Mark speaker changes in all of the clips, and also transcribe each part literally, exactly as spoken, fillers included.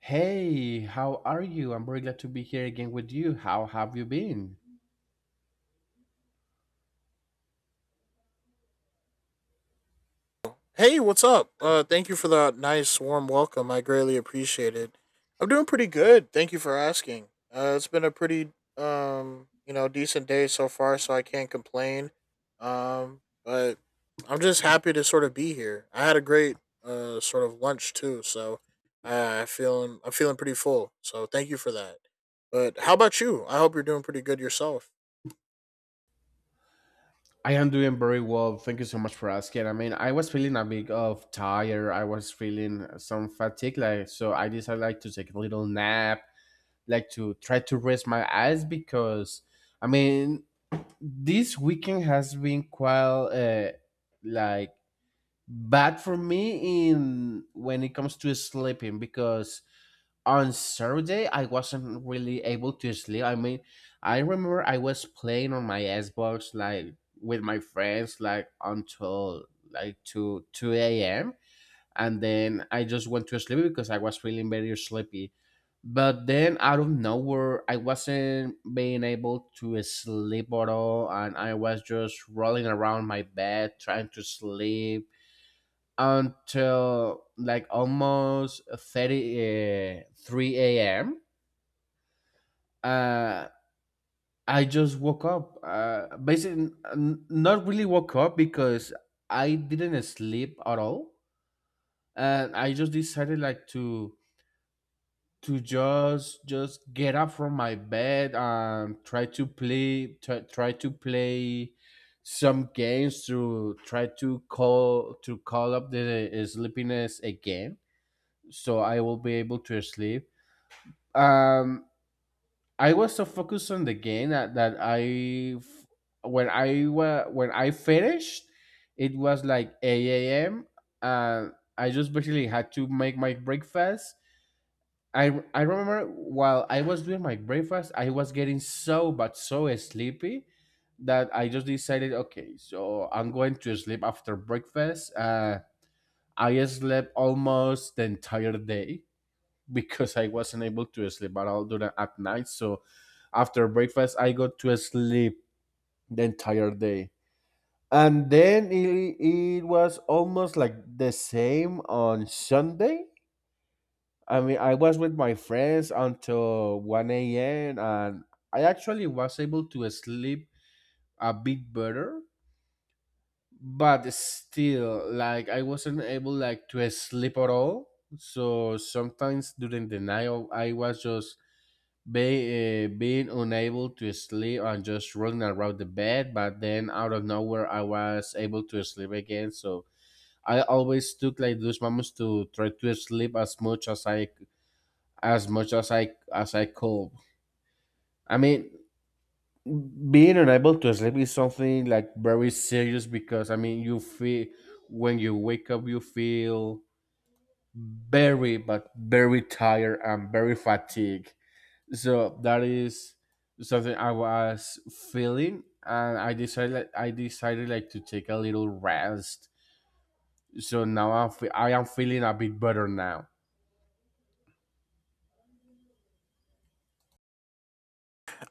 Speaker 1: Hey, how are you? I'm very glad to be here again with you. How have you been?
Speaker 2: Hey, what's up? Uh, thank you for that nice, warm welcome. I greatly appreciate it. I'm doing pretty good. Thank you for asking. Uh, it's been a pretty, um, you know, decent day so far, so I can't complain. Um, but I'm just happy to sort of be here. I had a great, uh, sort of lunch too, so i I feeling I'm feeling pretty full. So thank you for that. But how about you? I hope you're doing pretty good yourself.
Speaker 1: I am doing very well. Thank you so much for asking. I mean, I was feeling a bit of tired. I was feeling some fatigue, like so. I decided like to take a little nap, like to try to rest my eyes because, I mean, this weekend has been quite uh, like bad for me in when it comes to sleeping because on Saturday I wasn't really able to sleep. I mean, I remember I was playing on my Xbox like with my friends like until like two two a m and then I just went to sleep because I was feeling very sleepy. But then out of nowhere, I wasn't being able to sleep at all, and I was just rolling around my bed trying to sleep until like almost thirty uh, three a.m uh i just woke up uh basically n- not really woke up because i didn't sleep at all and i just decided like to to just just get up from my bed and try to play try, try to play some games to try to call to call up the sleepiness again so I will be able to sleep. Um, I was so focused on the game that, that I, f- when I wa- when I finished, it was like eight a m and I just basically had to make my breakfast. I I remember while I was doing my breakfast, I was getting so but so sleepy that I just decided, okay, so I'm going to sleep after breakfast. Uh, I slept almost the entire day because I wasn't able to sleep but I'll do that at night. So after breakfast, I got to sleep the entire day. And then it, it was almost like the same on Sunday. I mean, I was with my friends until one a m and I actually was able to sleep a bit better but still like i wasn't able like to sleep at all so sometimes during the night i was just be, uh, being unable to sleep and just rolling around the bed but then out of nowhere i was able to sleep again so i always took like those moments to try to sleep as much as i as much as i as i could. i mean being unable to sleep is something like very serious because I mean you feel when you wake up you feel very but very tired and very fatigued. So that is something I was feeling and I decided like, I decided like to take a little rest. So now I feel, I am feeling a bit better now.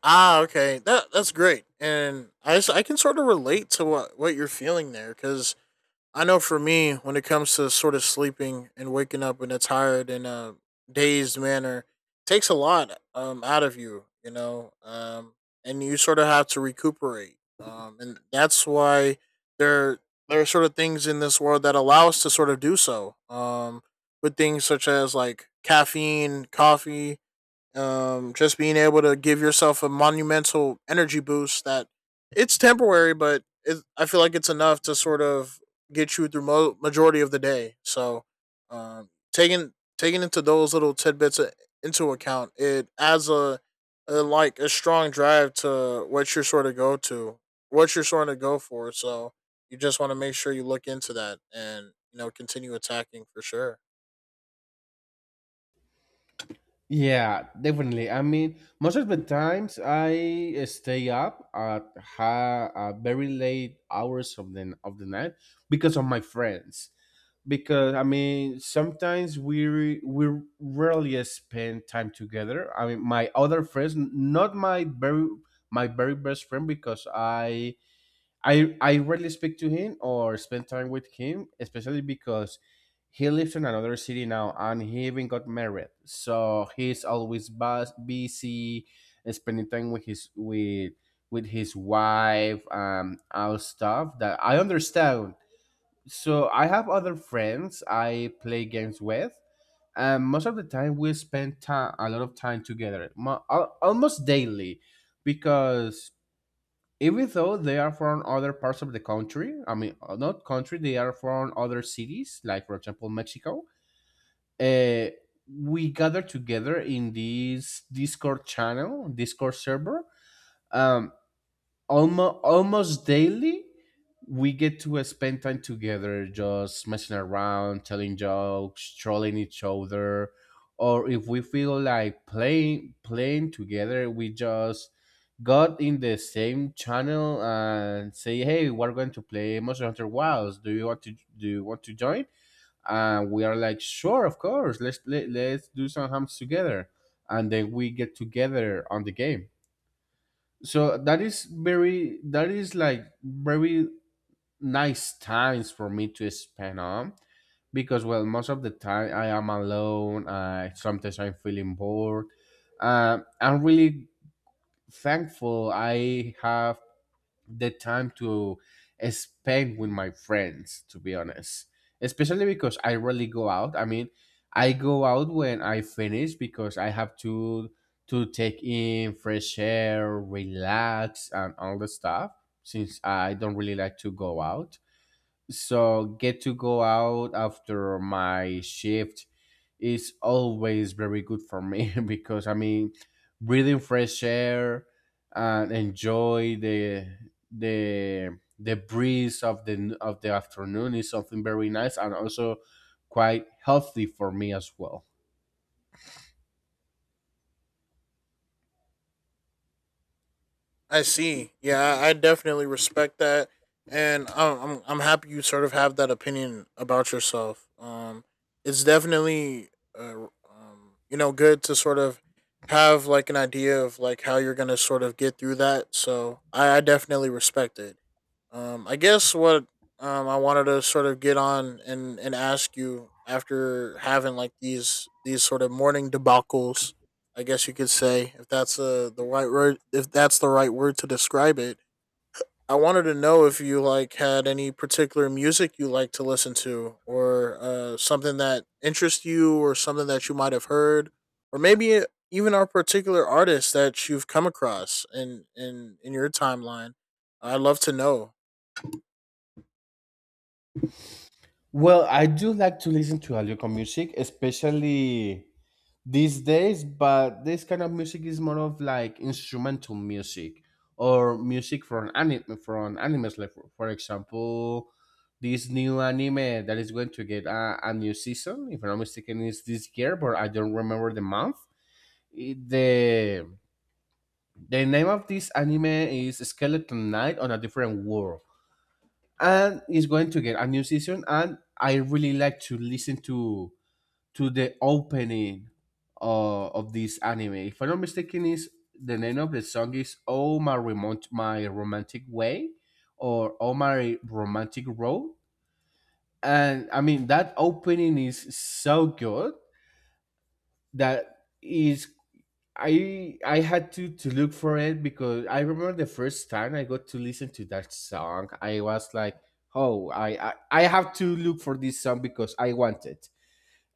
Speaker 2: Ah, okay. That that's great, and I s- I can sort of relate to what what you're feeling there, because I know for me, when it comes to sort of sleeping and waking up in a tired and a dazed manner, takes a lot um out of you, you know, um, and you sort of have to recuperate, um, and that's why there there are sort of things in this world that allow us to sort of do so, um, with things such as like caffeine, coffee um, just being able to give yourself a monumental energy boost that it's temporary, but it, I feel like it's enough to sort of get you through mo- majority of the day. So, um, taking taking into those little tidbits uh, into account, it adds a, a like a strong drive to what you're sort of go to, what you're sort of go for. So you just want to make sure you look into that, and you know continue attacking for sure.
Speaker 1: Yeah, definitely. I mean, most of the times I uh, stay up at ha- uh, very late hours of the of the night because of my friends. Because I mean, sometimes we re- we rarely spend time together. I mean, my other friends, n- not my very my very best friend, because I I I rarely speak to him or spend time with him, especially because he lives in another city now and he even got married. So he's always bus- busy uh, spending time with his with with his wife and all stuff that I understand. So I have other friends I play games with. And most of the time we spend time, a lot of time together, mo- al- almost daily, because even though they are from other parts of the country, I mean, uh, not country, they are from other cities, like for example Mexico. uh, we gather together in this discord channel Discord server, um, almost, almost daily, we get to spend time together just messing around, telling jokes, trolling each other. Or if we feel like playing playing together we just got in the same channel and say, "Hey, we're going to play Monster Hunter Wilds. Do you want to do you want to join?" And we are like, "Sure, of course. Let's let, let's do some hams together." And then we get together on the game. So that is very that is like very nice times for me to spend on because well most of the time i am alone, uh, sometimes I'm feeling bored, uh, I'm really thankful I have the time to spend with my friends, to be honest, especially because I rarely go out. I mean, I go out when I finish because I have to to take in fresh air, relax and all the stuff, since I don't really like to go out, so get to go out after my shift is always very good for me because I mean, breathing fresh air and enjoy the the the breeze of the of the afternoon is something very nice and also quite healthy for me as well.
Speaker 2: I see. Yeah, I I definitely respect that, and I'm I'm, I'm happy you sort of have that opinion about yourself. Um, it's definitely uh, um, you know, good to sort of have like an idea of like how you're gonna sort of get through that. So I, I definitely respect it. Um, I guess what um I wanted to sort of get on and and ask you after having like these these sort of morning debacles, I guess you could say, if that's uh, the right word, if that's the right word to describe it. I wanted to know if you like had any particular music you like to listen to, or uh, something that interests you, or something that you might have heard, or maybe uh, even our particular artists that you've come across in in in your timeline. I'd love to know.
Speaker 1: Well, I do like to listen to Alioco music, especially these days, but this kind of music is more of like instrumental music or music from anime, from animes, like for, for example this new anime that is going to get a, a new season, if I'm not mistaken is this year, but I don't remember the month. It- the the name of this anime is Skeleton Knight on a Different World, and it's going to get a new season, and I really like to listen to to the opening uh, of this anime. If I'm not mistaken, is the name of the song is "Oh My Remote My Romantic Way" or "Oh My Romantic Road." And I mean that opening is so good that is I I had to to look for it because I remember the first time I got to listen to that song, I was like, "Oh, I I, I have to look for this song because I want it."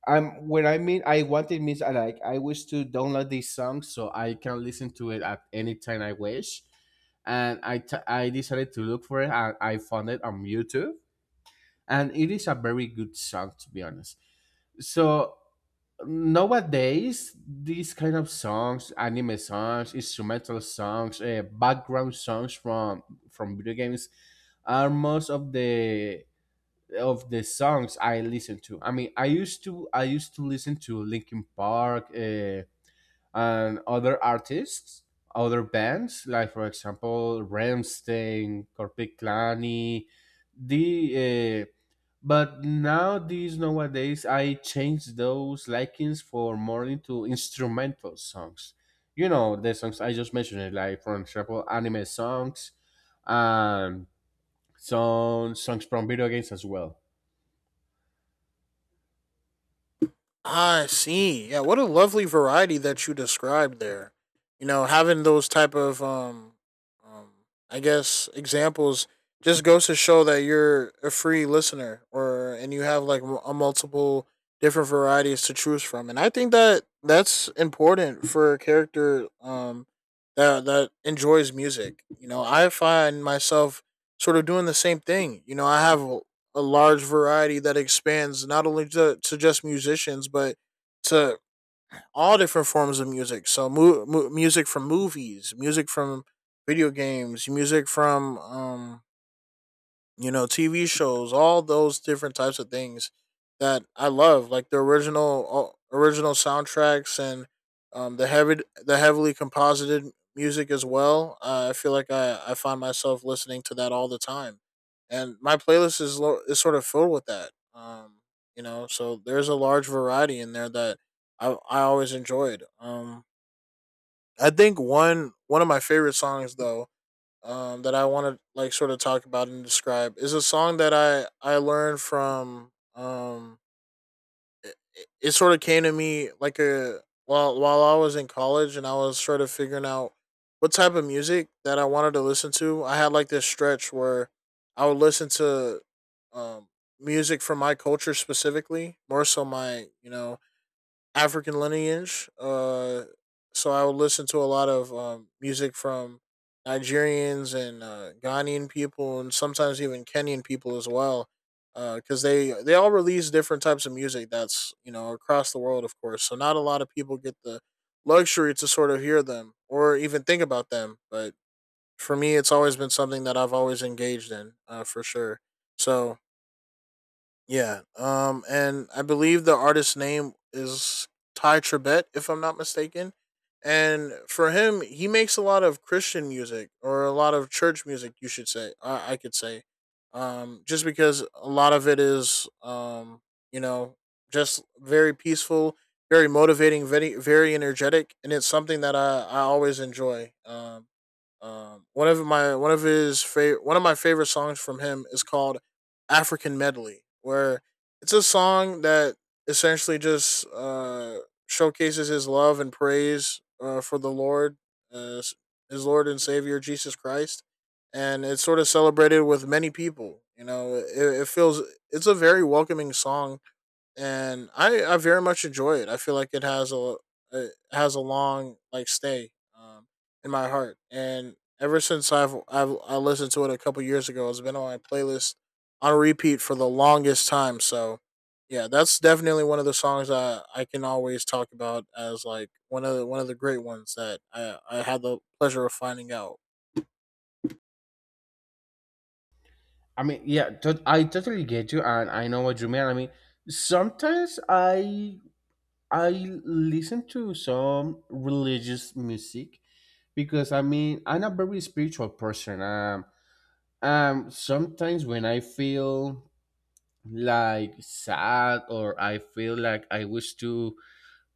Speaker 1: I'm when I mean I want it means I like I wish to download this song so I can listen to it at any time I wish. And I t- I decided to look for it and I found it on YouTube. And it is a very good song, to be honest. So nowadays these kind of songs, anime songs, instrumental songs, uh, background songs from from video games are most of the of the songs I listen to. I mean, I used to I used to listen to Linkin Park, uh, and other artists, other bands, like for example Ramstein, Corpic Klani. The uh, But now these nowadays I change those likings for more into instrumental songs. You know the songs I just mentioned, like for example anime songs, um, some songs from video games as well.
Speaker 2: I see. Yeah, what a lovely variety that you described there. You know, having those type of um, um I guess examples just goes to show that you're a free listener, or and you have like a multiple different varieties to choose from. And I think that that's important for a character um that that enjoys music. You know, I find myself sort of doing the same thing. You know, I have a large variety that expands not only to, to just musicians but to all different forms of music. So mu- mu- music from movies, music from video games, music from um you know, T V shows, all those different types of things that I love, like the original uh, original soundtracks, and um, the heavy the heavily composited music as well. Uh, I feel like I, I find myself listening to that all the time, and my playlist is lo- is sort of filled with that. Um, you know, so there's a large variety in there that I I always enjoyed. Um, I think one one of my favorite songs though um, that I want to like sort of talk about and describe is a song that I I learned from. Um, it, it it sort of came to me like a while while I was in college and I was sort of figuring out what type of music that I wanted to listen to. I had like this stretch where I would listen to um, music from my culture specifically, more so my you know African lineage. Uh, so I would listen to a lot of um, music from Nigerians and uh, Ghanaian people, and sometimes even Kenyan people as well, because they they all release different types of music. That's you know across the world, of course. So not a lot of people get the luxury to sort of hear them or even think about them. But for me, it's always been something that I've always engaged in, uh, for sure. So yeah. Um, and I believe the artist's name is Ty Trebet, if I'm not mistaken. And for him, he makes a lot of Christian music, or a lot of church music, you should say. I, I could say, um, just because a lot of it is, um, you know, just very peaceful, very motivating, very very energetic, and it's something that I, I always enjoy. Um, um, one of my one of his favorite one of my favorite songs from him is called African Medley, where it's a song that essentially just uh, showcases his love and praise uh, for the Lord, uh, his Lord and Savior Jesus Christ, and it's sort of celebrated with many people. You know, it, it feels it's a very welcoming song, and I I very much enjoy it. I feel like it has a it has a long like stay um, in my heart, and ever since I've I've I listened to it a couple years ago, it's been on my playlist on repeat for the longest time. So yeah, that's definitely one of the songs I I can always talk about as like one of the, one of the great ones that I I had the pleasure of finding out.
Speaker 1: I mean, yeah, tot I totally get you, and I know what you mean. I mean, sometimes I I listen to some religious music because I mean I'm a very spiritual person. Um, um, sometimes when I feel like sad or I feel like I wish to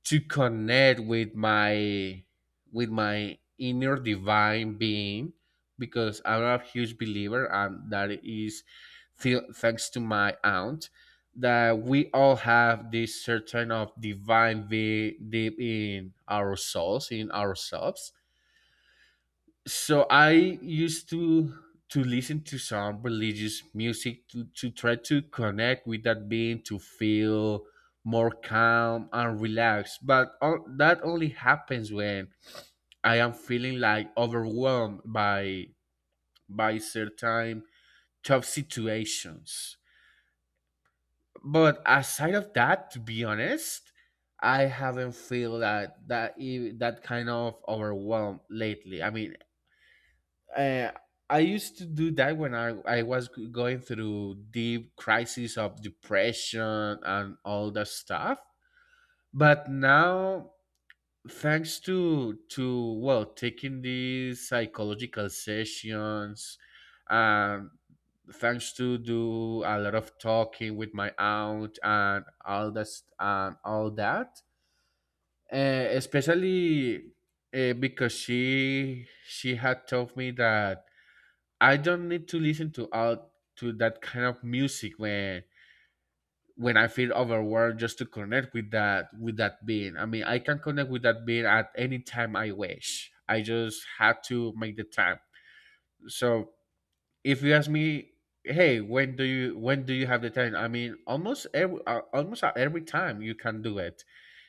Speaker 1: to connect with my with my inner divine being because I'm a huge believer, and that is th- thanks to my aunt, that we all have this certain of divine be- deep in our souls, in ourselves. So i used to to listen to some religious music to, to try to connect with that being, to feel more calm and relaxed, but o- that only happens when i am feeling like overwhelmed by by certain tough situations. But aside of that, to be honest, i haven't feel that that e- that kind of overwhelmed lately. I mean, uh, I used to do that when I, I was going through deep crises of depression and all that stuff. But now, thanks to to well, taking these psychological sessions, and thanks to do a lot of talking with my aunt and all that st- and all that, uh, especially uh, because she she had told me that I don't need to listen to all to that kind of music when when I feel overwhelmed just to connect with that with that being. I mean, I can connect with that being at any time I wish. I just have to make the time. So if you ask me, hey, when do you when do you have the time? I mean, almost every uh, almost at every time you can do it.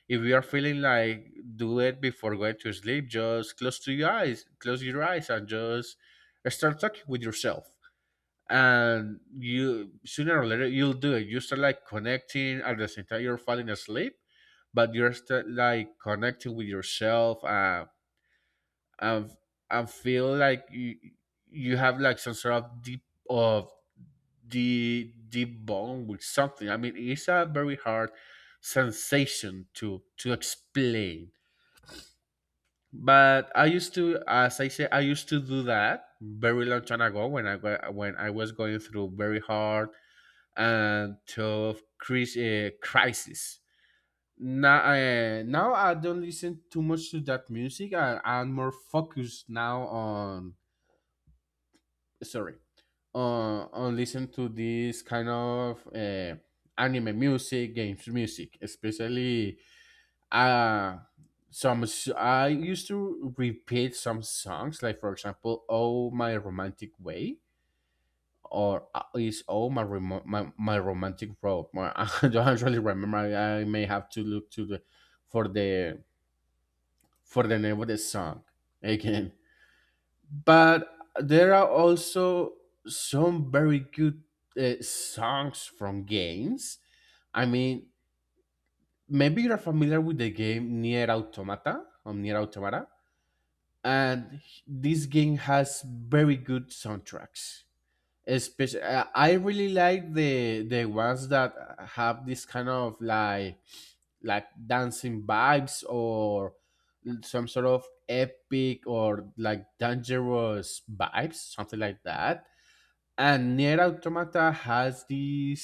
Speaker 1: If you are feeling like, do it before going to sleep, just close to your eyes, close your eyes, and just start talking with yourself, and you sooner or later you'll do it. You start like connecting at the same time you're falling asleep, but you're still like connecting with yourself. Uh, and and feel like you you have like some sort of deep of the deep bond with something. I mean, it's a very hard sensation to to explain. But I used to, as I say, I used to do that very long time ago when I wa- when I was going through very hard and tough cris- uh, crisis. Now, uh, now I don't listen too much to that music. I, I'm more focused now on, sorry, on on listen to this kind of uh, anime music, games music, especially uh some s- I used to repeat some songs, like for example "Oh My Romantic Way," or uh, is all my remo- my, my romantic road. My- I don't really remember. I I may have to look to the, for the, for the name of the song again. But there are also some very good uh, songs from games. I mean, maybe you're familiar with the game Nier Automata or Nier Automata, and this game has very good soundtracks. Especially I really like the the ones that have this kind of like like dancing vibes, or some sort of epic or like dangerous vibes, something like that. And near automata has this,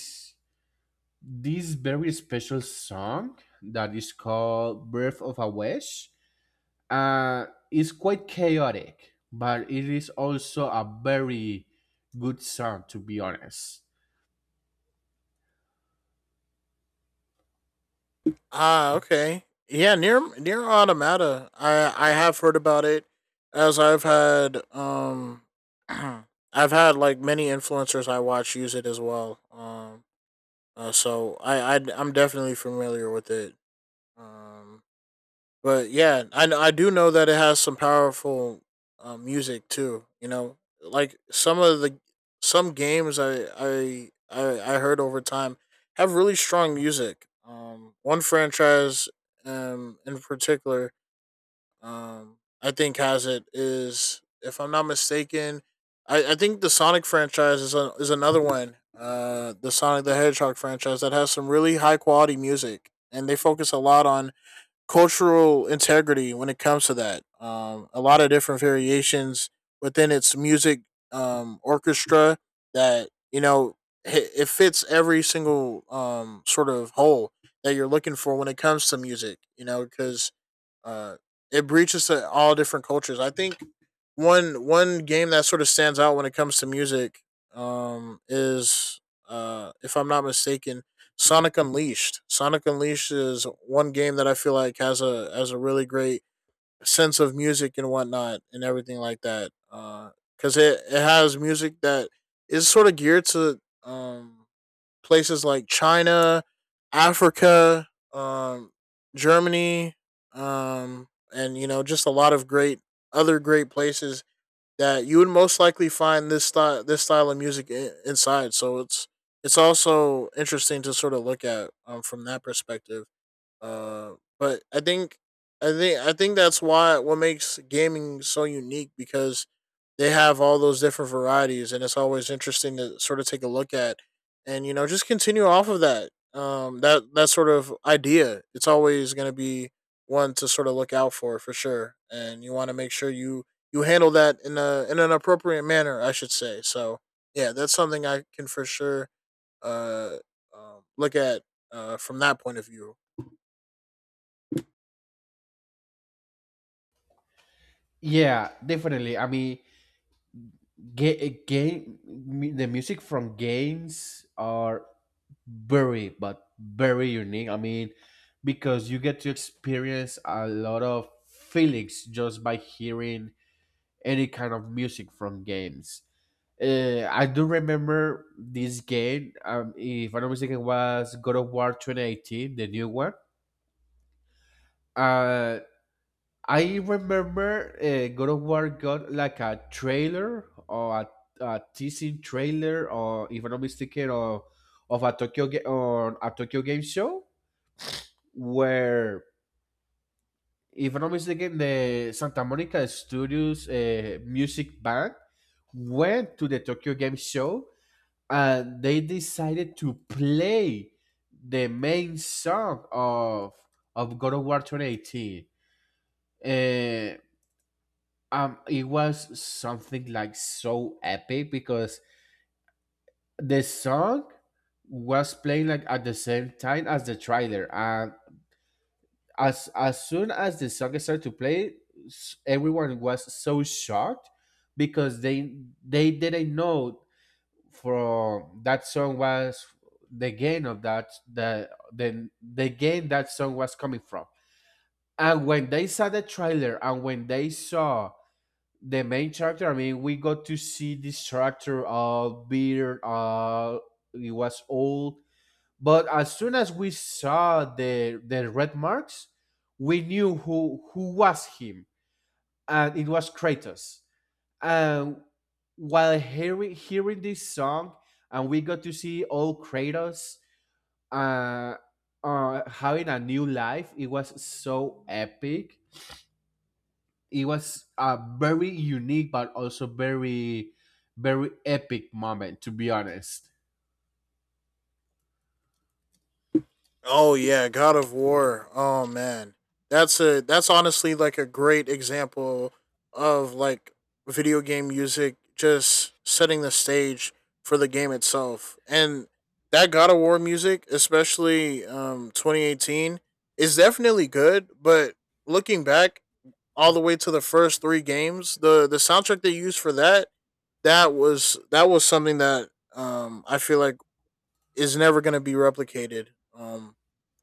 Speaker 1: this very special song that is called Birth of a Wish. uh it's quite chaotic, but it is also a very good song, to be honest.
Speaker 2: Ah, okay. Yeah, near near Automata. I I have heard about it, as I've had um I've had like many influencers I watch use it as well. Um uh, so I I I'm definitely familiar with it. Um but yeah, I kn- I do know that it has some powerful um, music too. You know, like some of the some games I I I, I heard over time have really strong music. Um, one franchise um in particular um I think has it, is if I'm not mistaken. I, I think the Sonic franchise is a, is another one. Uh, the Sonic the Hedgehog franchise that has some really high quality music, and they focus a lot on cultural integrity when it comes to that. Um, a lot of different variations within its music um, orchestra that you know hi- it fits every single um, sort of hole that you're looking for when it comes to music. You know, because uh, it breaches to all different cultures. I think one one game that sort of stands out when it comes to music um is uh if I'm not mistaken, Sonic Unleashed. Sonic Unleashed is one game that I feel like has a has a really great sense of music and whatnot and everything like that. Uh, because uh, it it has music that is sort of geared to um places like China, Africa, um, Germany, um, and you know just a lot of great other great places that you would most likely find this style this style of music in, inside. So it's it's also interesting to sort of look at um, from that perspective. Uh, but I think I think I think that's why what makes gaming so unique, because they have all those different varieties, and it's always interesting to sort of take a look at, and you know just continue off of that um that that sort of idea. It's always going to be one to sort of look out for for sure, and you want to make sure you you handle that in a in an appropriate manner, I should say. So yeah, that's something I can for sure uh um, look at uh from that point of view.
Speaker 1: Yeah, definitely. I mean, ga- game mu- the music from games are very, but very unique. I mean, because you get to experience a lot of feelings just by hearing any kind of music from games. Uh, I do remember this game. Um, if I'm not mistaken, was God of War twenty eighteen, the new one. Uh. I remember uh, God of War got like a trailer or a, a teasing trailer, or if I'm not mistaken, or of a Tokyo ga- on a Tokyo Game Show, where if I'm not mistaken, the Santa Monica Studios uh, music band went to the Tokyo Game Show and they decided to play the main song of of God of War twenty eighteen. Uh, um it was something like so epic because the song was playing like at the same time as the trailer, and as as soon as the song started to play, s- everyone was so shocked because they they didn't know from that song was the game of that, the the the game that song was coming from. And when they saw the trailer and when they saw the main character. I mean, we got to see this character, uh beard, uh he was old, but as soon as we saw the the red marks, we knew who who was him, and it was Kratos. And while hearing hearing this song, and we got to see old Kratos, uh, uh having a new life, it was so epic. It was a very unique but also very, very epic moment, to be honest.
Speaker 2: Oh yeah, God of War. Oh man. That's a that's honestly like a great example of like video game music just setting the stage for the game itself. And that God of War music, especially um twenty eighteen, is definitely good, but looking back all the way to the first three games, the the soundtrack they used for that, that was that was something that um I feel like is never going to be replicated. Um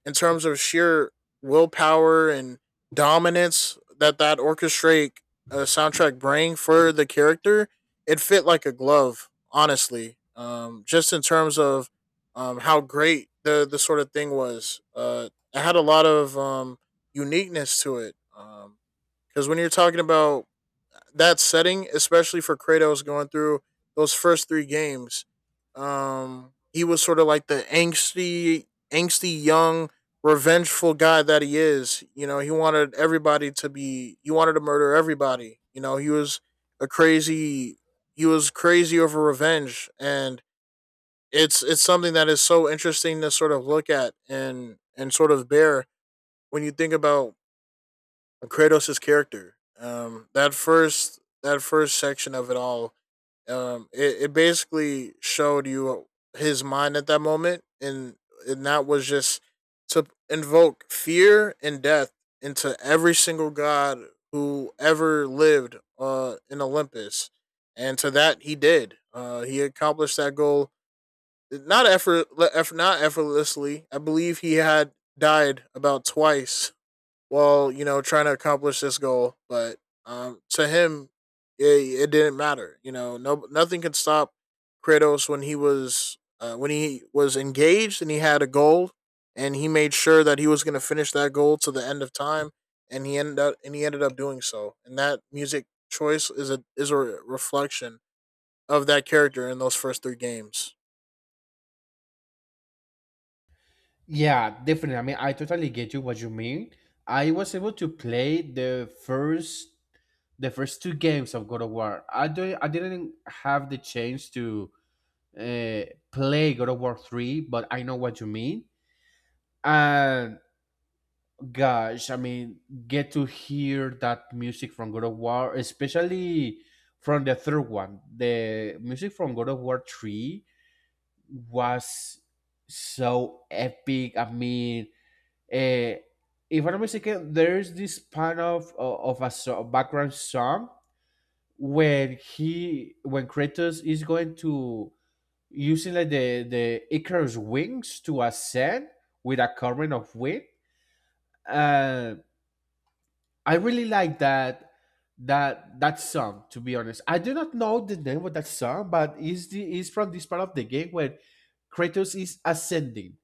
Speaker 2: in terms of sheer willpower and dominance that that orchestrate uh, soundtrack bring for the character, it fit like a glove, honestly. Um, just in terms of um, how great the the sort of thing was. Uh, it had a lot of um, uniqueness to it. Because um, when you're talking about that setting, especially for Kratos going through those first three games, um, he was sort of like the angsty, angsty young, revengeful guy that he is. You know, he wanted everybody to be, he wanted to murder everybody. You know, he was a crazy, he was crazy over revenge, and it's it's something that is so interesting to sort of look at and and sort of bear when you think about Kratos' character. Um, that first that first section of it all, um, it, it basically showed you his mind at that moment, and and that was just to invoke fear and death into every single god who ever lived uh, in Olympus, and to that he did. Uh, he accomplished that goal not effort, eff- not effortlessly. I believe he had died about twice while you know trying to accomplish this goal. But um, to him, it, it didn't matter. You know, no nothing could stop Kratos when he was uh, when he was engaged and he had a goal, and he made sure that he was going to finish that goal to the end of time, and he ended up and he ended up doing so. And that music choice is a is a reflection of that character in those first three games.
Speaker 1: Yeah, definitely. I mean, I totally get you what you mean. I was able to play the first, the first two games of God of War. i don't I didn't have the chance to uh, play God of War three, but I know what you mean. And gosh, I mean, get to hear that music from God of War, especially from the third one. The music from God of War three was so epic. I mean, uh, if I'm not mistaken, there's this part of, of a so- background song when he, when Kratos is going to, using like the the Icarus wings to ascend with a current of wind. Uh, I really like that, that that song. To be honest, I do not know the name of that song, but is the, is from this part of the game where Kratos is ascending,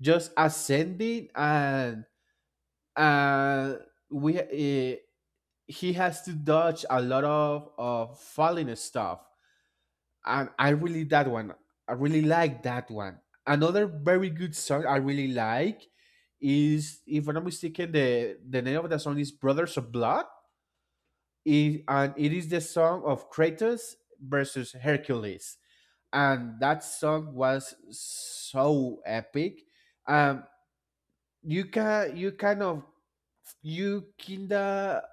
Speaker 1: just ascending, and and we, uh, he has to dodge a lot of of falling stuff. And I really that one. I really like that one. Another very good song I really like is, if I'm not mistaken, the the name of the song is Brothers of Blood, it, and it is the song of Kratos versus Hercules. And that song was so epic. Um, you can, you kind of, you kinda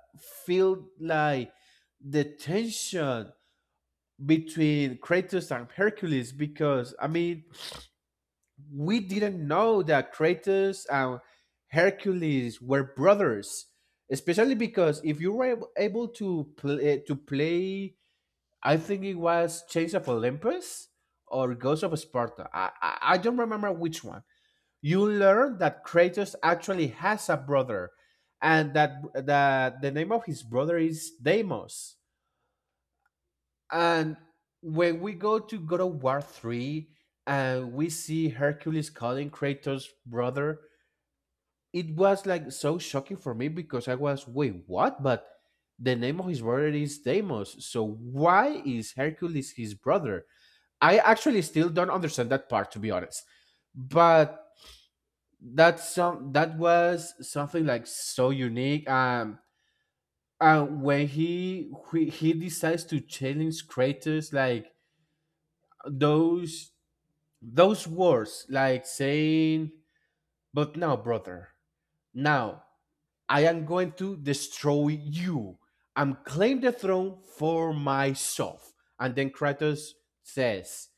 Speaker 1: feel like the tension between Kratos and Hercules, because I mean we didn't know that Kratos and Hercules were brothers, especially because if you were able to play to play, I think it was Chains of Olympus or Ghost of Sparta. I, I, I don't remember which one. You learn that Kratos actually has a brother, and that that the name of his brother is Deimos. And when we go to God of War three, and we see Hercules calling Kratos brother, it was like so shocking for me, because I was, wait, what? But the name of his brother is Deimos. So why is Hercules his brother? I actually still don't understand that part, to be honest. But that's some, that was something like so unique. Um, and when he, he, he decides to challenge creators like those those words like saying, but now, brother, now I am going to destroy you. I'm claim the throne for myself. And then Kratos says,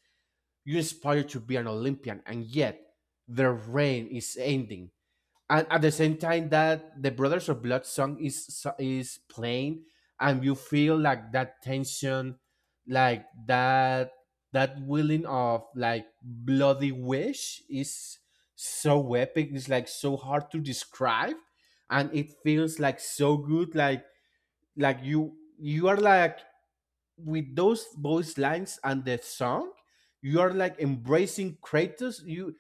Speaker 1: you aspire to be an Olympian, and yet their reign is ending. And at the same time that the Brothers of Blood song is so- is playing, and you feel like that tension, like that, that willing of like bloody wish is so epic. It's like so hard to describe, and it feels like so good. Like like you, you are like, with those voice lines and the song, you are like embracing Kratos. You,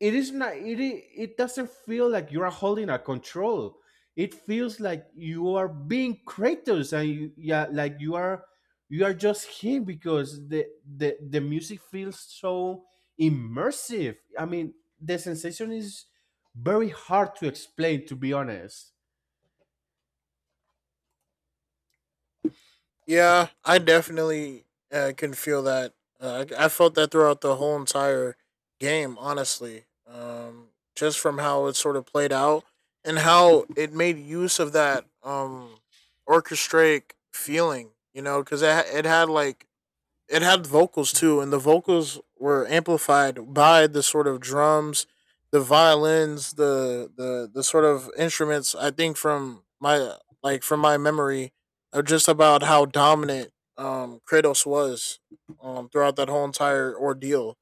Speaker 1: it is not. It i- it doesn't feel like you are holding a control. It feels like you are being Kratos, and you, yeah, like you are, you are just him, because the the the music feels so immersive. I mean, the sensation is very hard to explain, to be honest.
Speaker 2: Yeah, I definitely uh, can feel that. Uh, I, I felt that throughout the whole entire game, honestly. Um, just from how it sort of played out and how it made use of that um, orchestrate feeling, you know, because it, ha- it had like it had vocals too, and the vocals were amplified by the sort of drums, the violins, the the the sort of instruments. I think from my like from my memory of just about how dominant um Kratos was um throughout that whole entire ordeal.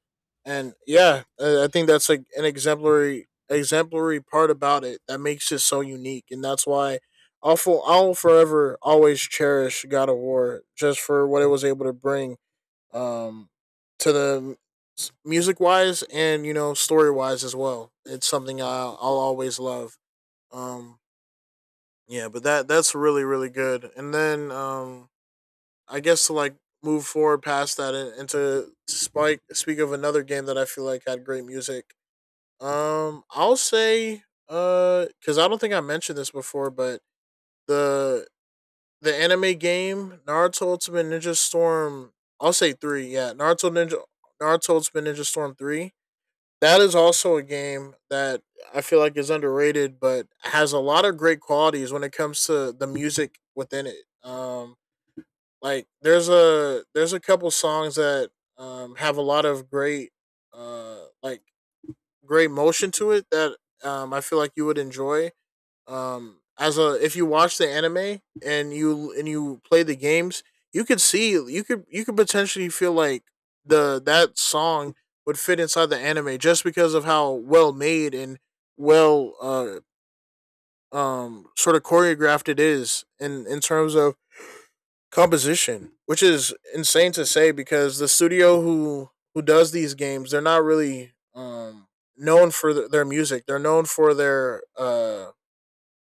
Speaker 2: And yeah, I think that's like an exemplary exemplary part about it that makes it so unique, and that's why I'll, fo- I'll forever always cherish God of War just for what it was able to bring um, to the music wise and you know story wise as well. It's something I'll, I'll always love. Um, yeah, but that that's really really good. And then um, I guess to like move forward past that and, and to spike speak of another game that I feel like had great music. Um, I'll say uh, because I don't think I mentioned this before, but the the anime game Naruto Ultimate Ninja Storm. I'll say three. Yeah, Naruto Ninja Naruto Ultimate Ninja Storm three. That is also a game that I feel like is underrated, but has a lot of great qualities when it comes to the music within it. Um, like there's a there's a couple songs that um, have a lot of great uh, like great motion to it that um, I feel like you would enjoy um as a if you watch the anime and you and you play the games you could see you could you could potentially feel like the that song would fit inside the anime just because of how well made and well uh um sort of choreographed it is in in terms of composition, which is insane to say because the studio who who does these games, they're not really um known for th- their music, they're known for their uh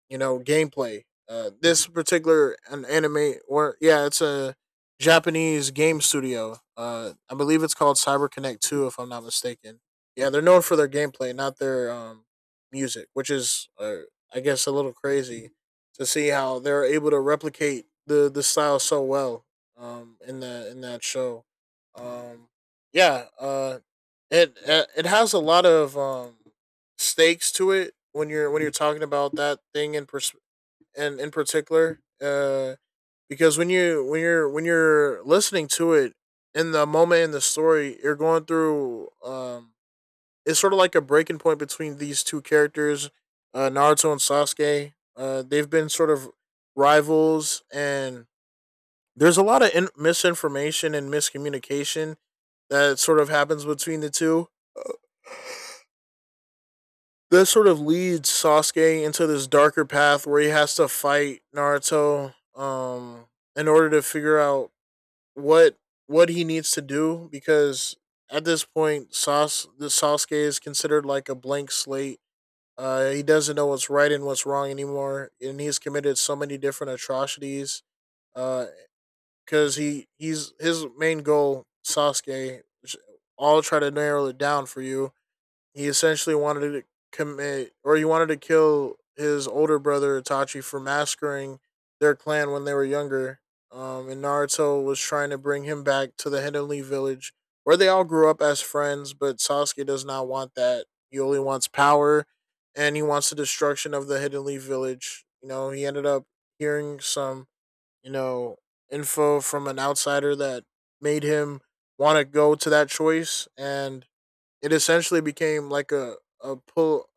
Speaker 2: you know, gameplay. Uh, this particular an anime, or yeah, it's a Japanese game studio. Uh, I believe it's called Cyber Connect Two, if I'm not mistaken. Yeah, they're known for their gameplay, not their um, music, which is, uh, I guess, a little crazy to see how they're able to replicate the the style so well um, in the in that show. Um, yeah, uh, it it has a lot of um, stakes to it when you're when you're talking about that thing in pers- and in particular uh because when you when you're when you're listening to it in the moment in the story you're going through um it's sort of like a breaking point between these two characters, uh Naruto and Sasuke. Uh, they've been sort of rivals and there's a lot of in- misinformation and miscommunication that sort of happens between the two. This sort of leads Sasuke into this darker path where he has to fight Naruto um in order to figure out what what he needs to do because at this point Sas the Sasuke is considered like a blank slate. Uh, he doesn't know what's right and what's wrong anymore, and he's committed so many different atrocities. Because uh cuz he he's his main goal, Sasuke, I'll try to narrow it down for you, he essentially wanted to commit or he wanted to kill his older brother Itachi for massacring their clan when they were younger. Um, and Naruto was trying to bring him back to the Hidden Leaf village where they all grew up as friends, but Sasuke does not want that. He only wants power and he wants the destruction of the Hidden Leaf village. You know, he ended up hearing some, you know, info from an outsider that made him want to go to that choice, and it essentially became like a a pull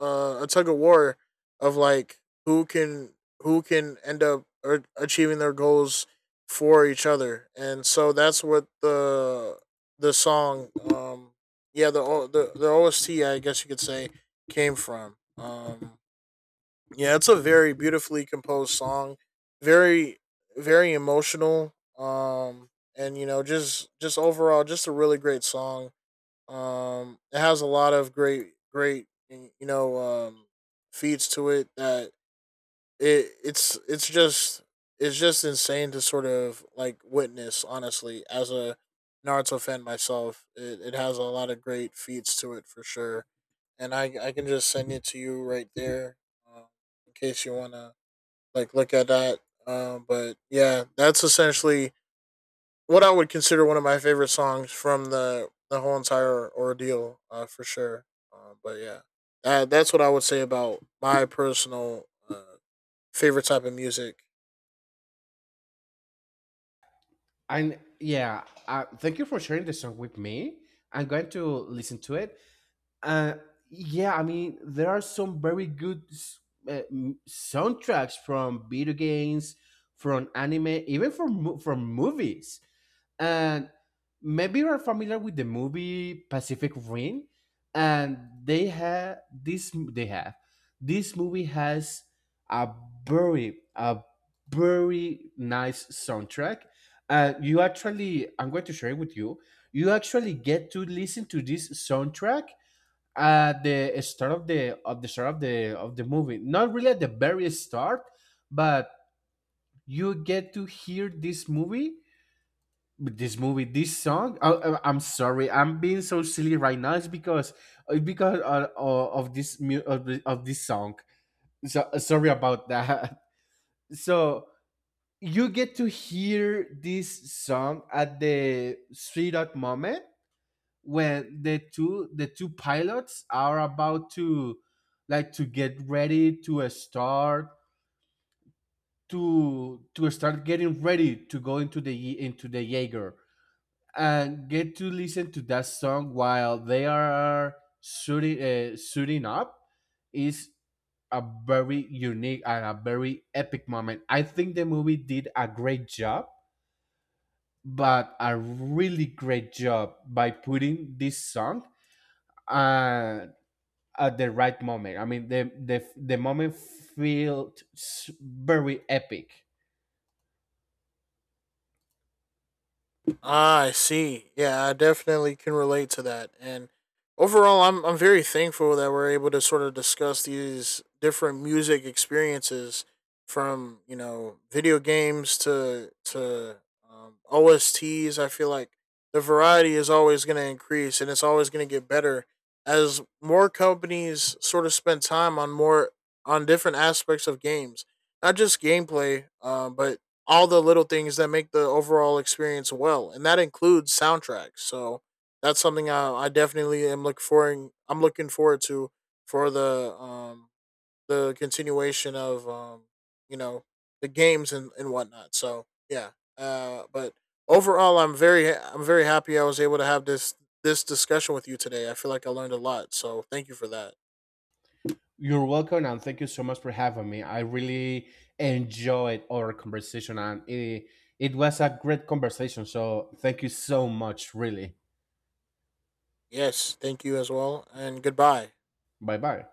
Speaker 2: uh, a tug of war of like who can who can end up er- achieving their goals for each other, and so that's what the the song, um, yeah, the O- the the O S T, I guess you could say, came from. Um, yeah, it's a very beautifully composed song, very very emotional, um, and you know just just overall just a really great song. um, it has a lot of great, great, you know, um, feeds to it that it it's it's just it's just insane to sort of like witness. Honestly, as a Naruto fan myself, it, it has a lot of great feats to it for sure. And I I can just send it to you right there, um, in case you wanna like look at that. Um, but yeah, that's essentially what I would consider one of my favorite songs from the the whole entire ordeal, uh, for sure. Uh, but yeah, that, that's what I would say about my personal uh, favorite type of music.
Speaker 1: And yeah, uh, thank you for sharing the song with me. I'm going to listen to it. uh, yeah, I mean, there are some very good s- uh, m- soundtracks from video games, from anime, even from mo- from movies. And maybe you're familiar with the movie Pacific Rim, and they have this. They have, this movie has a very, a very nice soundtrack. Uh, you actually, I'm going to share it with you. You actually get to listen to this soundtrack at the start of the, of the start of the, of the movie, not really at the very start, but you get to hear this movie, this movie, this song, I am sorry, I'm being so silly right now. It's because, it's because of, of of this mu- of, the- of this song. So sorry about that. So you get to hear this song at the sweet up moment when the two, the two pilots are about to, like to get ready to uh, start to to start getting ready to go into the Ye- into the Jaeger, and get to listen to that song while they are shooting uh, shooting up is a very unique and a very epic moment. I think the movie did a great job, but a really great job by putting this song uh, at the right moment. I mean, the the the moment felt s- very epic.
Speaker 2: Ah, I see. Yeah, I definitely can relate to that. And overall, I'm I'm very thankful that we're able to sort of discuss these different music experiences from, you know, video games to to um, O S Ts. I feel like the variety is always going to increase and it's always going to get better as more companies sort of spend time on more on different aspects of games, not just gameplay, uh, but all the little things that make the overall experience well, and that includes soundtracks. So that's something I, I definitely am looking forward. I'm looking forward to for the um the continuation of um you know the games and and whatnot. So yeah, uh, but overall, I'm very I'm very happy I was able to have this this discussion with you today. I feel like I learned a lot. So thank you for that.
Speaker 1: You're welcome, and thank you so much for having me. I really enjoyed our conversation, and it, it was a great conversation. So thank you so much, really.
Speaker 2: Yes, thank you as well, and goodbye.
Speaker 1: Bye bye.